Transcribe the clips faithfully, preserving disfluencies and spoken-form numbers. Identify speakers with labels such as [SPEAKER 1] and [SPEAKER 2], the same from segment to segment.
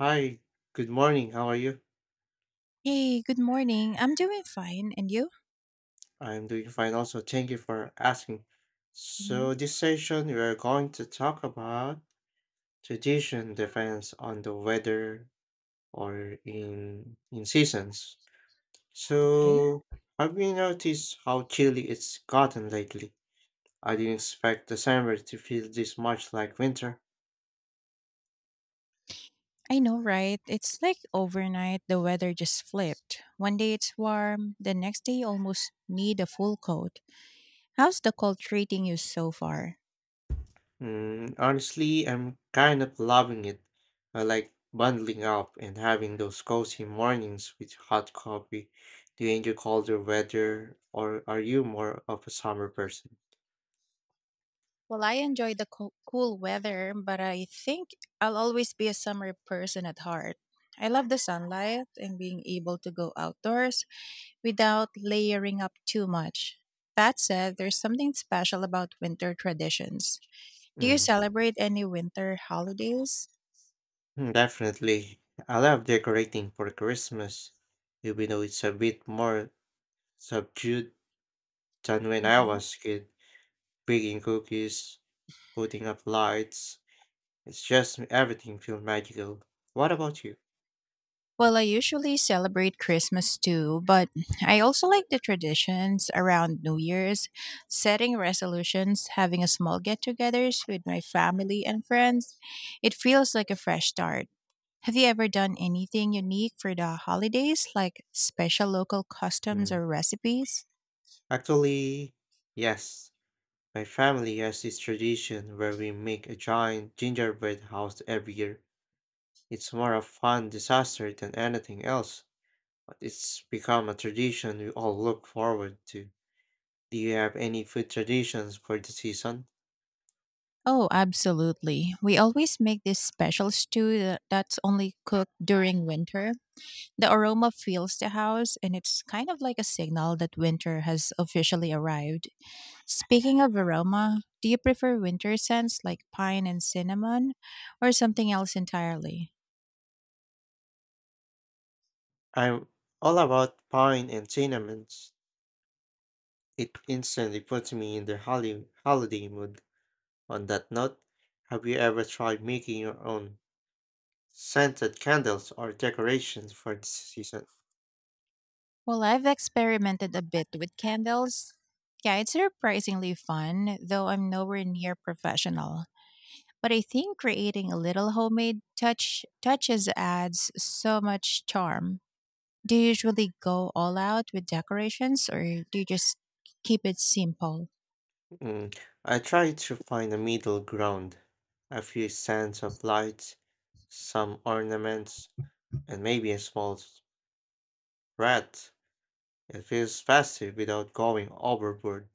[SPEAKER 1] Hi, good morning. How are you?
[SPEAKER 2] Hey, good morning. I'm doing fine. And you?
[SPEAKER 1] I'm doing fine also. Thank you for asking.
[SPEAKER 2] hmm
[SPEAKER 1] So, this session we are going to talk about tradition depends on the weather or in in seasons.
[SPEAKER 2] Okay.
[SPEAKER 1] So, have you noticed how chilly it's gotten lately? I didn't expect December to feel this much like winter.
[SPEAKER 2] I know, right? It's like overnight, the weather just flipped. One day it's warm, the next day you almost need a full coat. How's the cold treating you so far?
[SPEAKER 1] Mm, honestly, I'm kind of loving it. I like bundling up and having those cozy mornings with hot coffee. Do you enjoy colder weather, or are you more of a summer person?
[SPEAKER 2] Well, I enjoy the co- cool weather, but I think I'll always be a summer person at heart. I love the sunlight and being able to go outdoors without layering up too much. That said, there's something special about winter traditions. Do you
[SPEAKER 1] Mm,
[SPEAKER 2] celebrate any winter holidays?
[SPEAKER 1] mm, Definitely. I love decorating for Christmas, even though it's a bit more subdued than when I
[SPEAKER 2] Mhm.
[SPEAKER 1] was a kid. Baking cookies, putting up lights, it's just everything feels magical. What about you?
[SPEAKER 2] Well, I usually celebrate Christmas too, but I also like the traditions around New Year's, setting resolutions, having a small get togethers with my family and friends. It feels like a fresh start. Have you ever done anything unique for the holidays, like special local customs
[SPEAKER 1] Mm.
[SPEAKER 2] or recipes?
[SPEAKER 1] Actually, yes. My family has this tradition where we make a giant gingerbread house every year. It's more a fun disaster than anything else, but it's become a tradition we all look forward to. Do you have any food traditions for the season?
[SPEAKER 2] Oh, absolutely. We always make this special stew that- that's only cooked during winter. The aroma fills the house, and it's kind of like a signal that winter has officially arrived. Speaking of aroma, do you prefer winter scents like pine and cinnamon, or something else entirely?
[SPEAKER 1] I'm all about pine and cinnamons. It instantly puts me in the holly- holiday mood. On that note, have you ever tried making your own scented candles or decorations for the season?
[SPEAKER 2] Well, I've experimented a bit with candles. Yeah, it's surprisingly fun, though I'm nowhere near professional. But I think creating a little homemade touch touches adds so much charm. Do you usually go all out with decorations or do you just keep it simple?
[SPEAKER 1] Mm, I try to find a middle ground, a few stands of lights, some ornaments, and maybe a small rat. It feels festive without going overboard.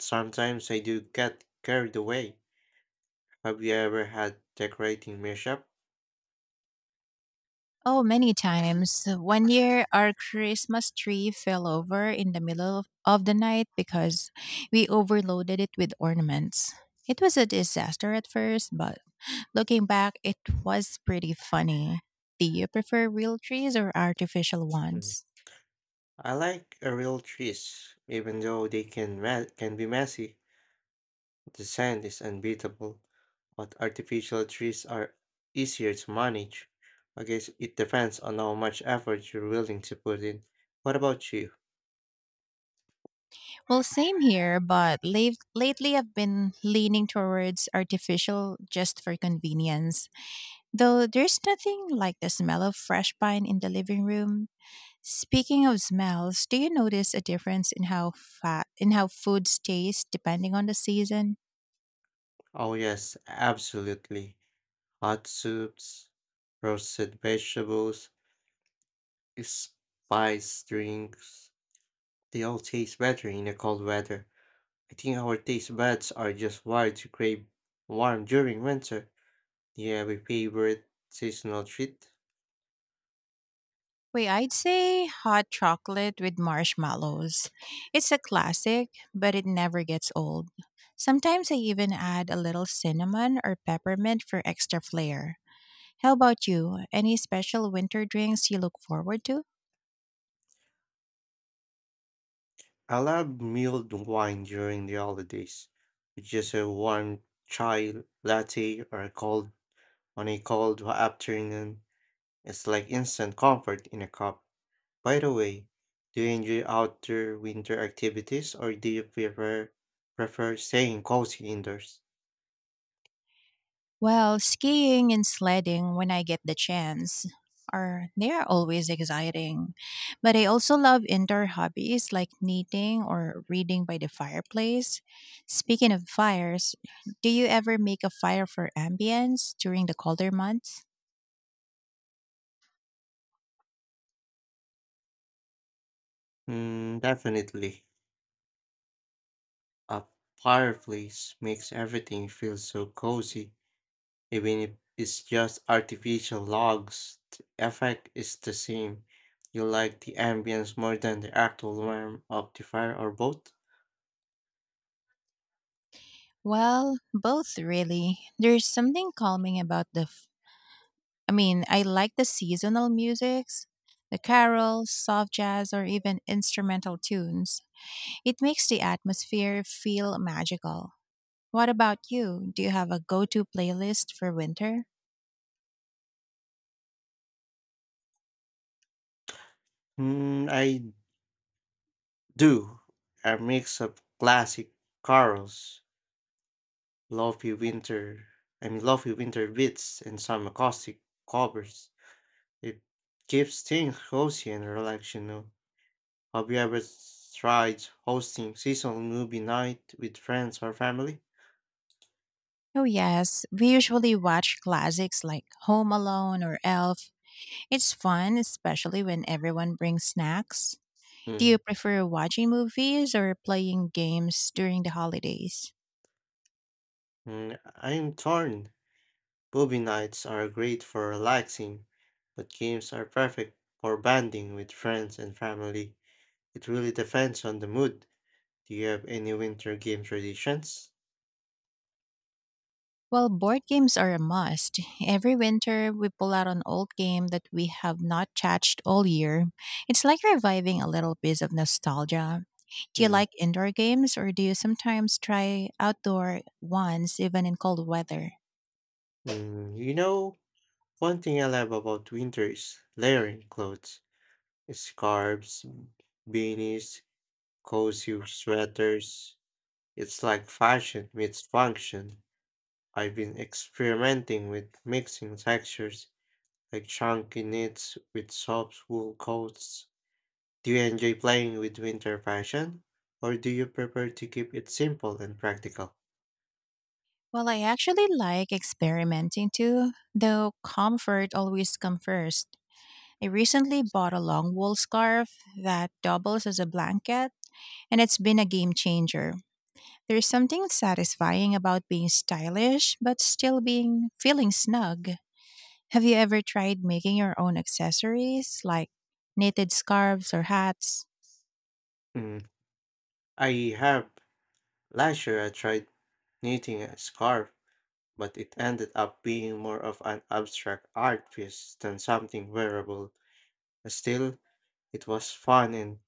[SPEAKER 1] Sometimes I do get carried away. Have you ever had decorating mishap?
[SPEAKER 2] Oh, many times. One year, our Christmas tree fell over in the middle of, of the night because we overloaded it with ornaments. It was a disaster at first, but looking back, it was pretty funny. Do you prefer real trees or artificial
[SPEAKER 1] Mm.
[SPEAKER 2] ones?
[SPEAKER 1] I like a real trees, even though they can me- can be messy. The sand is unbeatable, but artificial trees are easier to manage. I guess it depends on how much effort you're willing to put in. What about you?
[SPEAKER 2] Well, same here, but late, lately I've been leaning towards artificial just for convenience. Though there's nothing like the smell of fresh pine in the living room. Speaking of smells, do you notice a difference in how fat in how foods taste depending on the season?
[SPEAKER 1] Oh, yes, absolutely. Hot soups, roasted vegetables, spice drinks. They all taste better in the cold weather. I think our taste buds are just wired to crave warm during winter. Do you have a favorite seasonal treat?
[SPEAKER 2] Wait, I'd say hot chocolate with marshmallows. It's a classic, but it never gets old. Sometimes I even add a little cinnamon or peppermint for extra flair. How about you? Any special winter drinks you look forward to?
[SPEAKER 1] I love mulled wine during the holidays, with just a warm chai latte or a cold on a cold afternoon. It's like instant comfort in a cup. By the way, do you enjoy outdoor winter activities or do you prefer prefer staying cozy indoors?
[SPEAKER 2] Well, skiing and sledding, when I get the chance, are they are always exciting. But I also love indoor hobbies like knitting or reading by the fireplace. Speaking of fires, do you ever make a fire for ambience during the colder months?
[SPEAKER 1] Mm, definitely. A fireplace makes everything feel so cozy. Even if it's just artificial logs, the effect is the same. You like the ambience more than the actual warmth of the fire or both?
[SPEAKER 2] Well, both really. There's something calming about the f- I mean, I like the seasonal musics, the carols, soft jazz or even instrumental tunes. It makes the atmosphere feel magical. What about you? Do you have a go to playlist for winter?
[SPEAKER 1] Mm, I do. A mix of classic carols, lofi winter, I mean lofi winter beats, and some acoustic covers. It keeps things cozy and relaxed, you know. Have you ever s- tried hosting seasonal movie night with friends or family?
[SPEAKER 2] Oh, yes. We usually watch classics like Home Alone or Elf. It's fun, especially when everyone brings snacks. Do you
[SPEAKER 1] Mm,
[SPEAKER 2] prefer watching movies or playing games during the holidays?
[SPEAKER 1] mm, I'm torn. Movie nights are great for relaxing, but games are perfect for bonding with friends and family. It really depends on the mood. Do you have any winter game traditions?
[SPEAKER 2] Well, board games are a must. Every winter, we pull out an old game that we have not touched all year. It's like reviving a little piece of nostalgia. Do you
[SPEAKER 1] Mm,
[SPEAKER 2] like indoor games or do you sometimes try outdoor ones even in cold weather?
[SPEAKER 1] mm, you know, one thing I love about winter is layering clothes, scarves, beanies, cozy sweaters. It's like fashion meets function. I've been experimenting with mixing textures like chunky knits with soft wool coats. Do you enjoy playing with winter fashion, or do you prefer to keep it simple and practical?
[SPEAKER 2] Well, I actually like experimenting too, though comfort always comes first. I recently bought a long wool scarf that doubles as a blanket and it's been a game changer. There's something satisfying about being stylish but still being feeling snug. Have you ever tried making your own accessories like knitted scarves or hats?
[SPEAKER 1] Mm, I have. Last year I tried knitting a scarf, but it ended up being more of an abstract art piece than something wearable. Still, it was fun and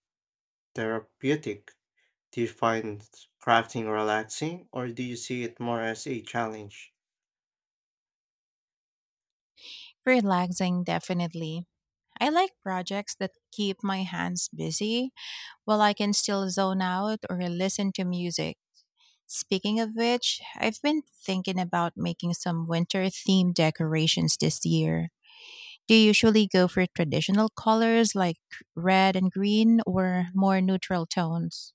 [SPEAKER 1] therapeutic. Do you find crafting relaxing, or do you see it more as a challenge?
[SPEAKER 2] Relaxing, definitely. I like projects that keep my hands busy while I can still zone out or listen to music. Speaking of which, I've been thinking about making some winter themed decorations this year. Do you usually go for traditional colors like red and green or more neutral tones?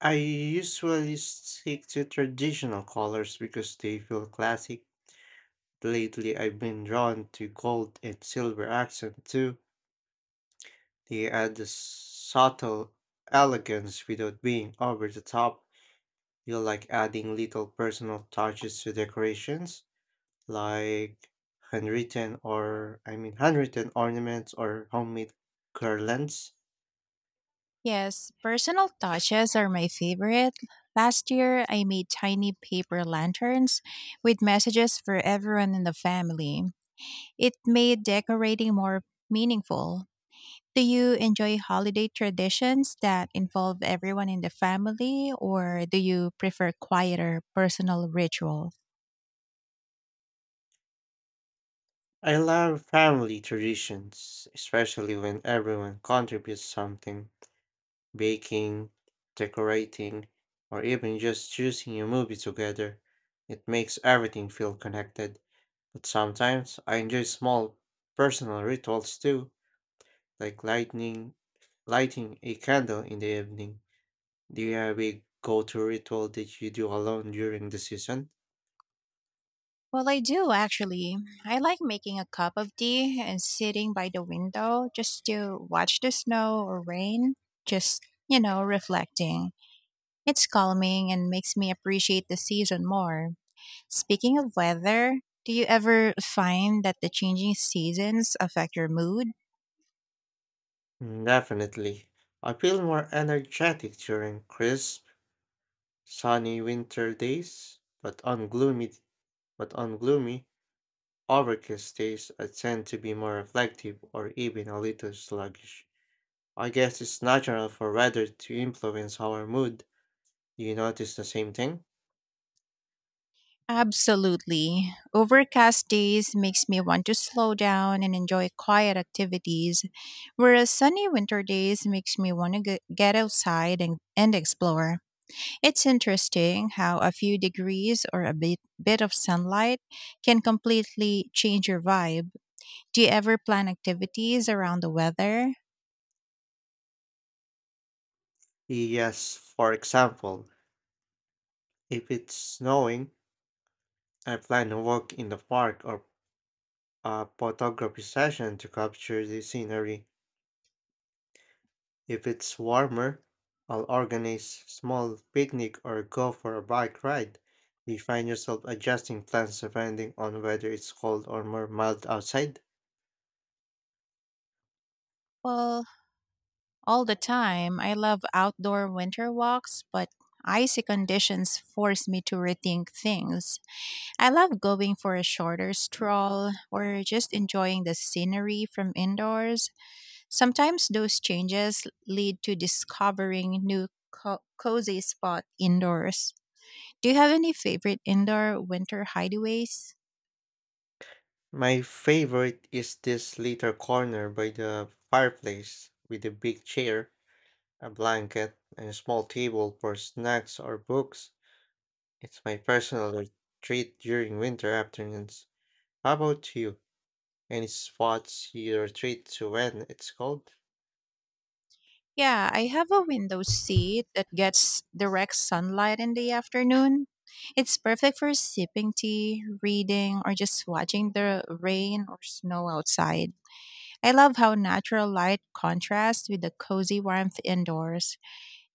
[SPEAKER 1] I usually stick to traditional colors because they feel classic. Lately, I've been drawn to gold and silver accent too. They add a subtle elegance without being over the top. You like adding little personal touches to decorations, like handwritten or I mean handwritten ornaments or homemade garlands.
[SPEAKER 2] Yes, personal touches are my favorite. Last year, I made tiny paper lanterns with messages for everyone in the family. It made decorating more meaningful. Do you enjoy holiday traditions that involve everyone in the family, or do you prefer quieter personal rituals?
[SPEAKER 1] I love family traditions, especially when everyone contributes something. Baking, decorating, or even just choosing a movie together. It makes everything feel connected. But sometimes I enjoy small personal rituals too, like lighting lighting a candle in the evening. Do you have a go-to ritual that you do alone during the season?
[SPEAKER 2] Well, I do actually. I like making a cup of tea and sitting by the window just to watch the snow or rain, just, you know, reflecting. It's calming and makes me appreciate the season more. Speaking of weather, do you ever find that the changing seasons affect your mood?
[SPEAKER 1] Mm, Definitely. I feel more energetic during crisp sunny winter days, but on gloomy but on gloomy, overcast days I tend to be more reflective or even a little sluggish. I guess it's natural for weather to influence our mood. Do you notice the same thing?
[SPEAKER 2] Absolutely. Overcast days makes me want to slow down and enjoy quiet activities, whereas sunny winter days makes me want to get outside and, and explore. It's interesting how a few degrees or a bit, bit of sunlight can completely change your vibe. Do you ever plan activities around the weather?
[SPEAKER 1] Yes, for example, if it's snowing, I plan a walk in the park or a photography session to capture the scenery. If it's warmer, I'll organize small picnic or go for a bike ride. You find yourself adjusting plans depending on whether it's cold or more mild outside.
[SPEAKER 2] Well, all the time. I love outdoor winter walks, but icy conditions force me to rethink things. I love going for a shorter stroll or just enjoying the scenery from indoors. Sometimes those changes lead to discovering new co- cozy spot indoors. Do you have any favorite indoor winter hideaways?
[SPEAKER 1] My favorite is this little corner by the fireplace with a big chair, a blanket, and a small table for snacks or books. It's my personal retreat during winter afternoons. How about you? Any spots you retreat to when it's cold?
[SPEAKER 2] Yeah, I have a window seat that gets direct sunlight in the afternoon. It's perfect for sipping tea, reading, or just watching the rain or snow outside. I love how natural light contrasts with the cozy warmth indoors.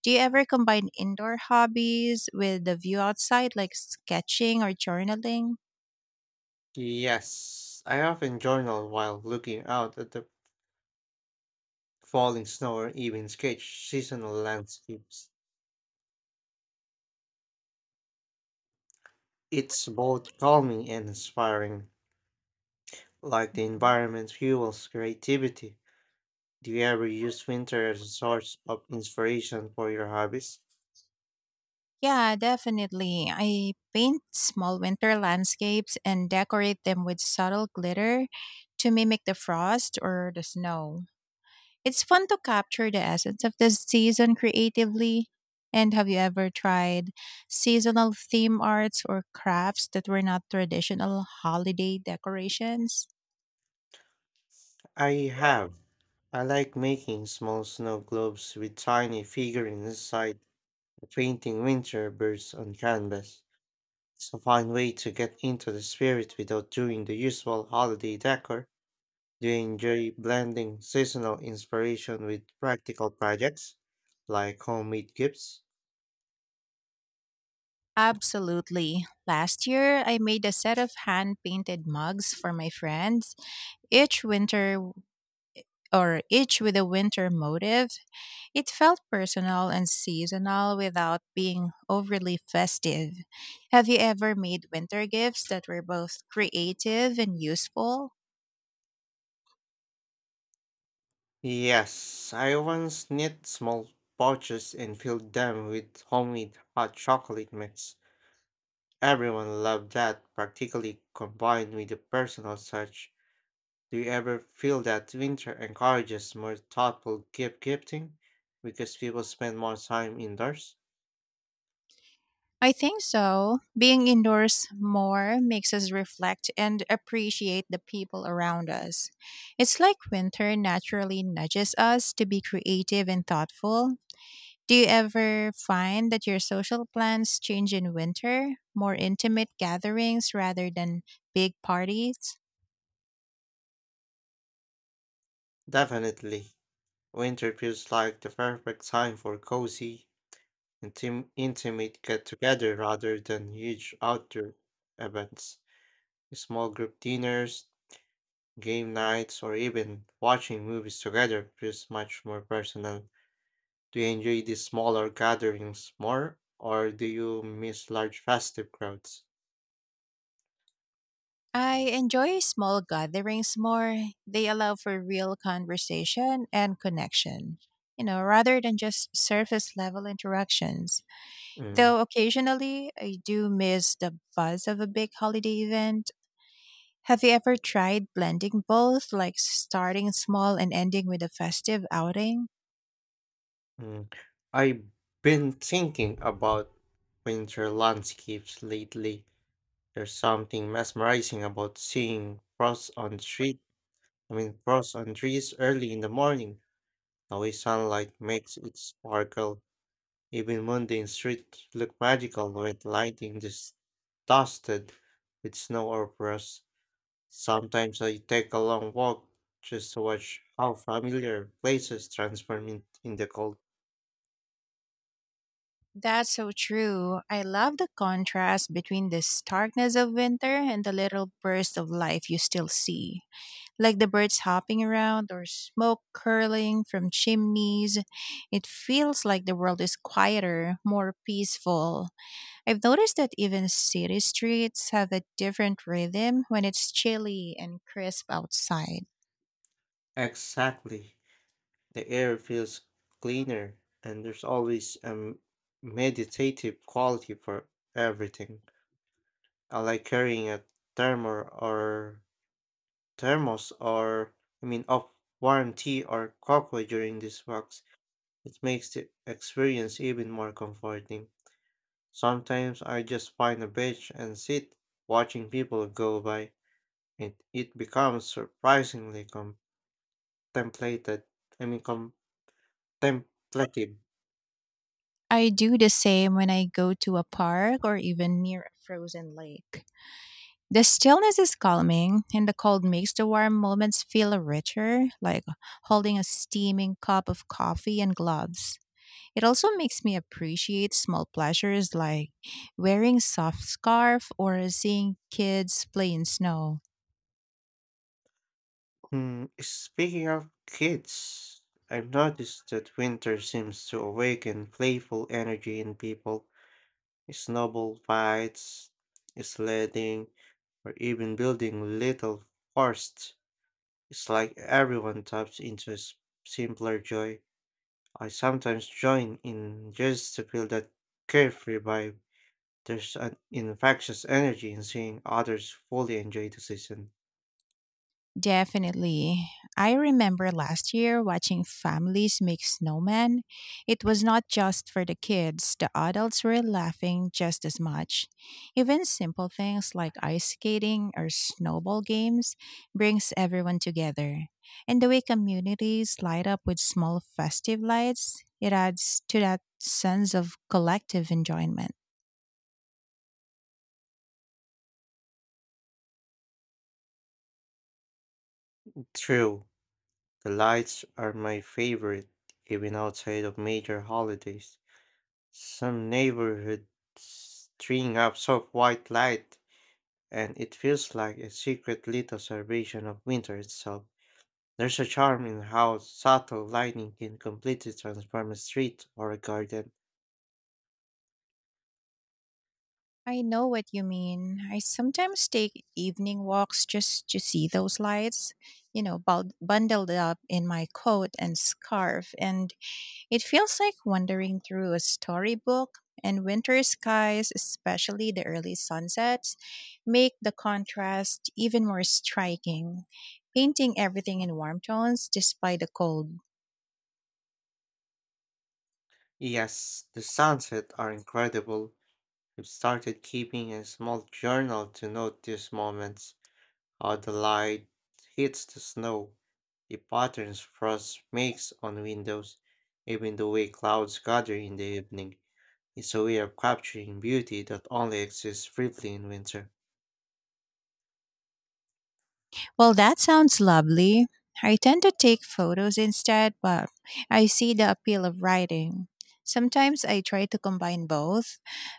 [SPEAKER 2] Do you ever combine indoor hobbies with the view outside, like sketching or journaling?
[SPEAKER 1] Yes, I often journal while looking out at the falling snow or even sketch seasonal landscapes. It's both calming and inspiring, like the
[SPEAKER 2] Mhm.
[SPEAKER 1] environment fuels creativity. Do you ever use winter as a source of inspiration for your hobbies?
[SPEAKER 2] Yeah, definitely. I paint small winter landscapes and decorate them with subtle glitter to mimic the frost or the snow. It's fun to capture the essence of the season creatively. And have you ever tried seasonal theme arts or crafts that were not traditional holiday decorations?
[SPEAKER 1] I have. I like making small snow globes with tiny figurines inside, painting winter birds on canvas. It's a fine way to get into the spirit without doing the usual holiday decor. Do you enjoy blending seasonal inspiration with practical projects, like homemade gifts?
[SPEAKER 2] Absolutely. Last year, I made a set of hand painted mugs for my friends, each winter or each with a winter motive. It felt personal and seasonal without being overly festive. Have you ever made winter gifts that were both creative and useful?
[SPEAKER 1] Yes, I once knit small pouches and filled them with homemade hot chocolate mix. Everyone loved that, practically combined with a personal touch. Do you ever feel that winter encourages more thoughtful gift gifting because people spend more time indoors?
[SPEAKER 2] I think so. Being indoors more makes us reflect and appreciate the people around us. It's like winter naturally nudges us to be creative and thoughtful. Do you ever find that your social plans change in winter? More intimate gatherings rather than big parties?
[SPEAKER 1] Definitely. Winter feels like the perfect time for cozy, intim- intimate get together rather than huge outdoor events. Small group dinners, game nights, or even watching movies together feels much more personal. Do you enjoy these smaller gatherings more, or do you miss large festive crowds?
[SPEAKER 2] I enjoy small gatherings more. They allow for real conversation and connection, you know, rather than just surface level interactions.
[SPEAKER 1] Mm,
[SPEAKER 2] Though occasionally I do miss the buzz of a big holiday event. Have you ever tried blending both, like starting small and ending with a festive outing?
[SPEAKER 1] mm. I've been thinking about winter landscapes lately. There's something mesmerizing about seeing frost on the street. I mean, frost on trees early in the morning. The way sunlight makes it sparkle. Even mundane streets look magical when lighting is dusted with snow or frost. Sometimes I take a long walk just to watch how familiar places transform in, in the cold.
[SPEAKER 2] That's so true. I love the contrast between the starkness of winter and the little burst of life you still see, like the birds hopping around or smoke curling from chimneys. It feels like the world is quieter, more peaceful. I've noticed that even city streets have a different rhythm when it's chilly and crisp outside.
[SPEAKER 1] Exactly. The air feels cleaner, and there's always a m- meditative quality for everything. I like carrying a thermos or thermos or I mean of warm tea or cocoa during these walks. It makes the experience even more comforting. Sometimes I just find a bench and sit watching people go by, and it becomes surprisingly contemplated. I mean contemplative.
[SPEAKER 2] I do the same when I go to a park or even near a frozen lake. The stillness is calming, and the cold makes the warm moments feel richer, like holding a steaming cup of coffee and gloves. It also makes me appreciate small pleasures like wearing soft scarf or seeing kids play in snow.
[SPEAKER 1] Hmm, speaking of kids, I've noticed that winter seems to awaken playful energy in people. Snowball fights, sledding, or even building little forests. It's like everyone taps into a s- simpler joy. I sometimes join in just to feel that carefree vibe. There's an infectious energy in seeing others fully enjoy the season.
[SPEAKER 2] Definitely. I remember last year watching families make snowmen. It was not just for the kids, the adults were laughing just as much. Even simple things like ice skating or snowball games brings everyone together. And the way communities light up with small festive lights, it adds to that sense of collective enjoyment.
[SPEAKER 1] True. The lights are my favorite, even outside of major holidays. Some neighborhoods string up soft white light, and it feels like a secret little celebration of winter itself. There's a charm in how subtle lighting can completely transform a street or a garden.
[SPEAKER 2] I know what you mean. I sometimes take evening walks just to see those lights, you know, bul- bundled up in my coat and scarf, and it feels like wandering through a storybook. And winter skies, especially the early sunsets, make the contrast even more striking, painting everything in warm tones despite the cold.
[SPEAKER 1] Yes, the sunsets are incredible. I've started keeping a small journal to note these moments. How the light hits the snow, the patterns frost makes on windows, even the way clouds gather in the evening. It's a way of capturing beauty that only exists briefly in winter.
[SPEAKER 2] Well, that sounds lovely. I tend to take photos instead, but I see the appeal of writing. Sometimes I try to combine both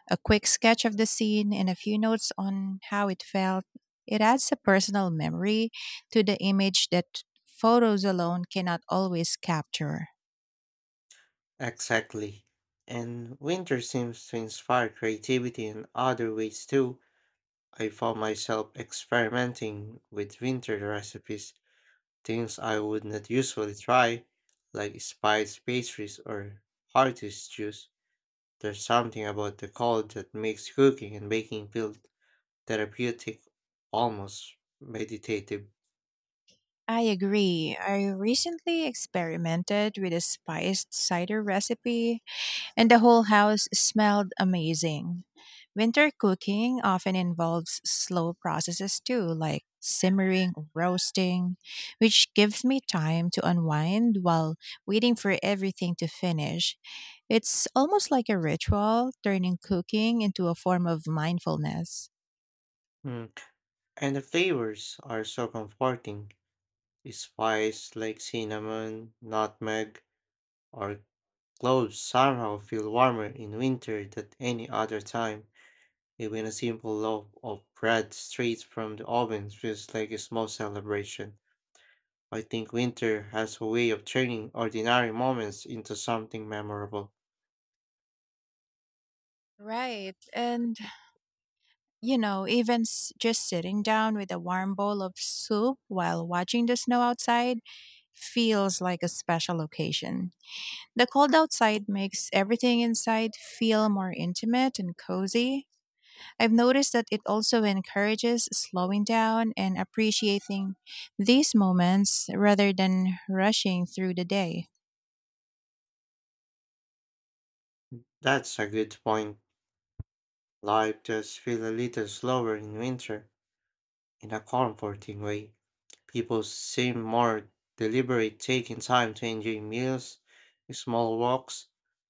[SPEAKER 2] a quick sketch of the scene and a few notes on how it felt. It adds a personal memory to the image that photos alone cannot always capture.
[SPEAKER 1] Exactly. And winter seems to inspire creativity in other ways too. I found myself experimenting with winter recipes, things I would not usually try, like spiced pastries or hearty stews. There's something about the cold that makes cooking and baking feel therapeutic, almost meditative.
[SPEAKER 2] I agree. I recently experimented with a spiced cider recipe and the whole house smelled amazing. Winter cooking often involves slow processes too, like simmering or roasting, which gives me time to unwind while waiting for everything to finish. It's almost like a ritual, turning cooking into a form of mindfulness.
[SPEAKER 1] Mm. And the flavors are so comforting. Spices like cinnamon, nutmeg, or cloves somehow feel warmer in winter than any other time. Even a simple loaf of bread straight from the oven feels like a small celebration. I think winter has a way of turning ordinary moments into something memorable.
[SPEAKER 2] Right. And, you know, even s- just sitting down with a warm bowl of soup while watching the snow outside feels like a special occasion. The cold outside makes everything inside feel more intimate and cozy. I've noticed that it also encourages slowing down and appreciating these moments rather than rushing through the day.
[SPEAKER 1] That's a good point. Life does feel a little slower in winter, in a comforting way. People seem more deliberate, taking time to enjoy meals, small walks,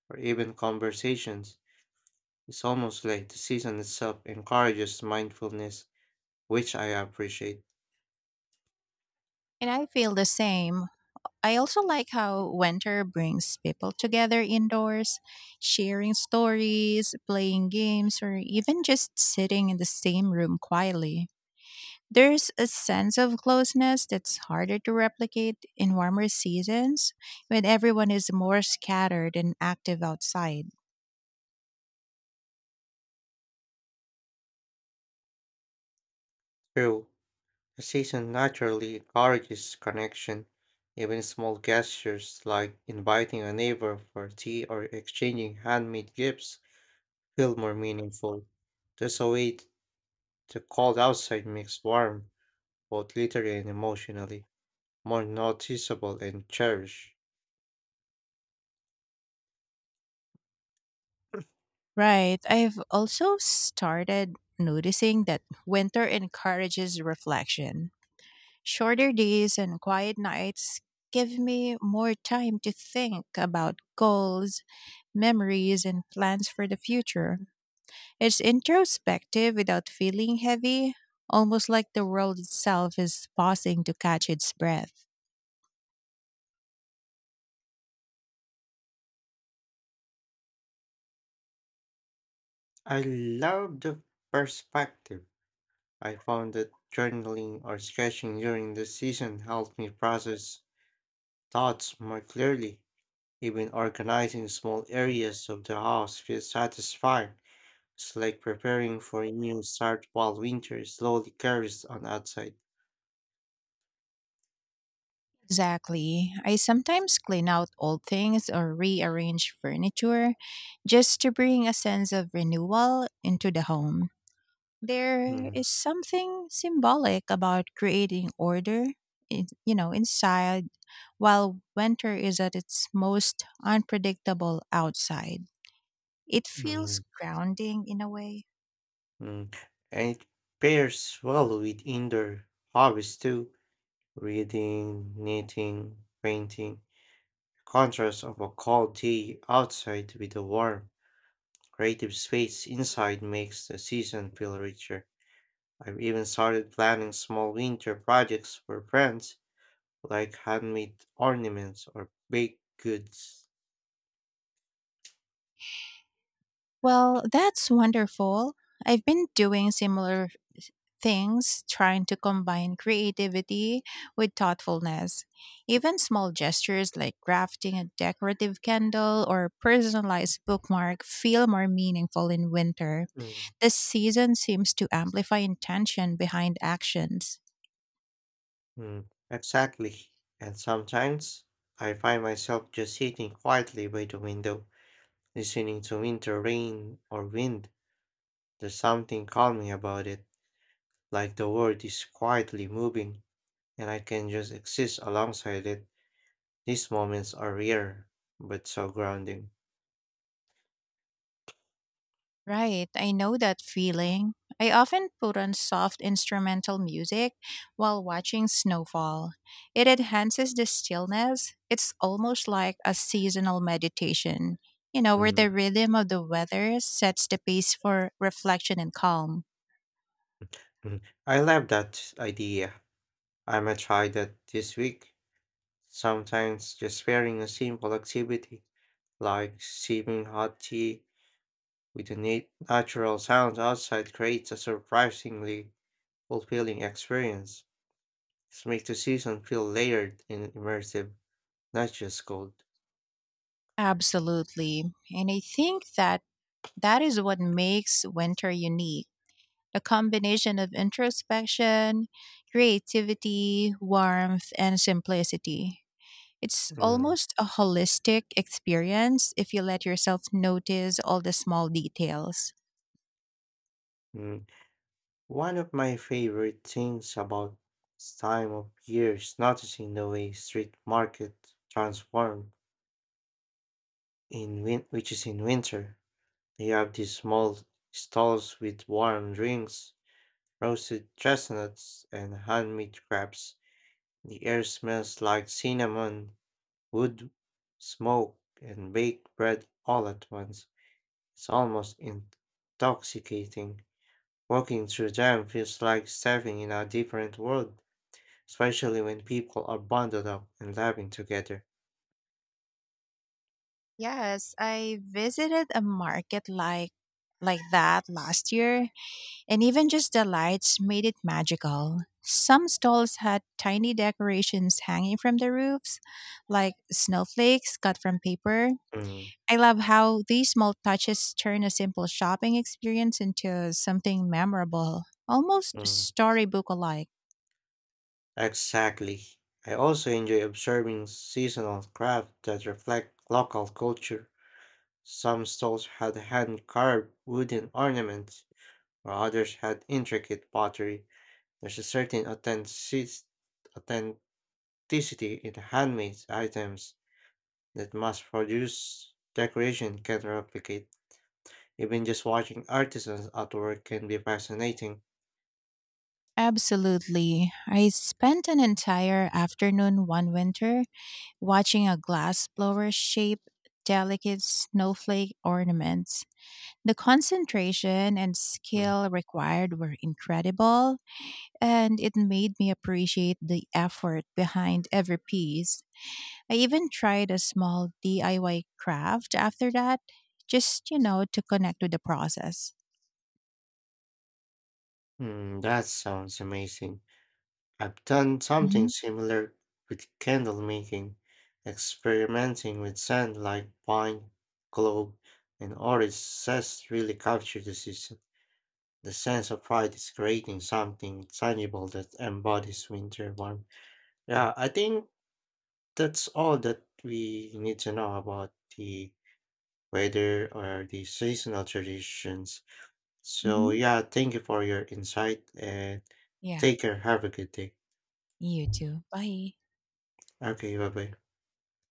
[SPEAKER 1] or even conversations. It's almost like the season itself encourages mindfulness, which I appreciate.
[SPEAKER 2] And I feel the same. I also like how winter brings people together indoors, sharing stories, playing games, or even just sitting in the same room quietly. There's a sense of closeness that's harder to replicate in warmer seasons when everyone is more scattered and active outside.
[SPEAKER 1] True, the season naturally encourages connection. Even small gestures like inviting a neighbor for tea or exchanging handmade gifts feel more meaningful. There's a way t- the cold outside makes warm, both literally and emotionally, more noticeable and cherished.
[SPEAKER 2] Right. I've also started noticing that winter encourages reflection. Shorter days and quiet nights give me more time to think about goals, memories, and plans for the future. It's introspective without feeling heavy, almost like the world itself is pausing to catch its breath.
[SPEAKER 1] I love the perspective. I found that journaling or sketching during the season helped me process thoughts more clearly. Even organizing small areas of the house feels satisfying. It's like preparing for a new start while winter slowly carries on outside.
[SPEAKER 2] Exactly. I sometimes clean out old things or rearrange furniture just to bring a sense of renewal into the home. There
[SPEAKER 1] Mm,
[SPEAKER 2] is something symbolic about creating order, in, you know, inside while winter is at its most unpredictable outside. It feels
[SPEAKER 1] mm.
[SPEAKER 2] grounding in a way.
[SPEAKER 1] Mm, And it pairs well with indoor hobbies too, reading, knitting, painting. Contrast of a cold day outside with a warm, creative space inside makes the season feel richer. I've even started planning small winter projects for friends, like handmade ornaments or baked goods.
[SPEAKER 2] Well, that's wonderful. I've been doing similar things, trying to combine creativity with thoughtfulness. Even small gestures like crafting a decorative candle or personalized bookmark feel more meaningful in winter.
[SPEAKER 1] Mm.
[SPEAKER 2] The season seems to amplify intention behind actions.
[SPEAKER 1] Mm, Exactly. And sometimes I find myself just sitting quietly by the window listening to winter rain or wind, there's something calming about it, like the world is quietly moving, and I can just exist alongside it. These moments are rare, but so grounding.
[SPEAKER 2] Right, I know that feeling. I often put on soft instrumental music while watching snowfall. It enhances the stillness. It's almost like a seasonal meditation, you know, where
[SPEAKER 1] Mm,
[SPEAKER 2] the rhythm of the weather sets the pace for reflection and calm.
[SPEAKER 1] mm. I love that idea. I might try that this week. Sometimes just pairing a simple activity, like sipping hot tea with the nat- natural sounds outside, creates a surprisingly fulfilling experience. This makes the season feel layered and immersive, not just cold.
[SPEAKER 2] Absolutely. And I think that that is what makes winter unique, a combination of introspection, creativity, warmth, and simplicity. It's
[SPEAKER 1] Mm,
[SPEAKER 2] almost a holistic experience if you let yourself notice all the small details.
[SPEAKER 1] mm. One of my favorite things about this time of year is noticing the way street market transform in win- which is in winter. They have these small stalls with warm drinks, roasted chestnuts, and handmade crafts. The air smells like cinnamon, wood, smoke, and baked bread all at once. It's almost intoxicating. Walking through them feels like stepping in a different world, especially when people are bundled up and laughing together.
[SPEAKER 2] Yes, I visited a market like like that last year, and even just the lights made it magical. Some stalls had tiny decorations hanging from the roofs, like snowflakes cut from paper.
[SPEAKER 1] Mm,
[SPEAKER 2] I love how these small touches turn a simple shopping experience into something memorable, almost
[SPEAKER 1] mm.
[SPEAKER 2] storybook alike.
[SPEAKER 1] Exactly. I also enjoy observing seasonal crafts that reflect local culture. Some stalls had hand-carved wooden ornaments, while others had intricate pottery. There's a certain authentic- authenticity in handmade items that mass produced decoration can replicate. Even just watching artisans at work can be fascinating.
[SPEAKER 2] Absolutely. I spent an entire afternoon one winter watching a glass blower shape delicate snowflake ornaments. The concentration and
[SPEAKER 1] Mm.
[SPEAKER 2] skill required were incredible, and it made me appreciate the effort behind every piece. I even tried a small D I Y craft after that, just, you know, to connect with the process.
[SPEAKER 1] Mm, that sounds amazing. I've done something similar with candle making, experimenting with scent like pine, clove, and orange zest really captured the season. The sense of pride is creating something tangible that embodies winter warmth. Yeah, I think that's all that we need to know about the weather or the seasonal traditions. So
[SPEAKER 2] Mhm.
[SPEAKER 1] yeah, thank you for your insight and
[SPEAKER 2] Yeah,
[SPEAKER 1] take care. Have a good day.
[SPEAKER 2] you too. Bye.
[SPEAKER 1] Okay, bye bye.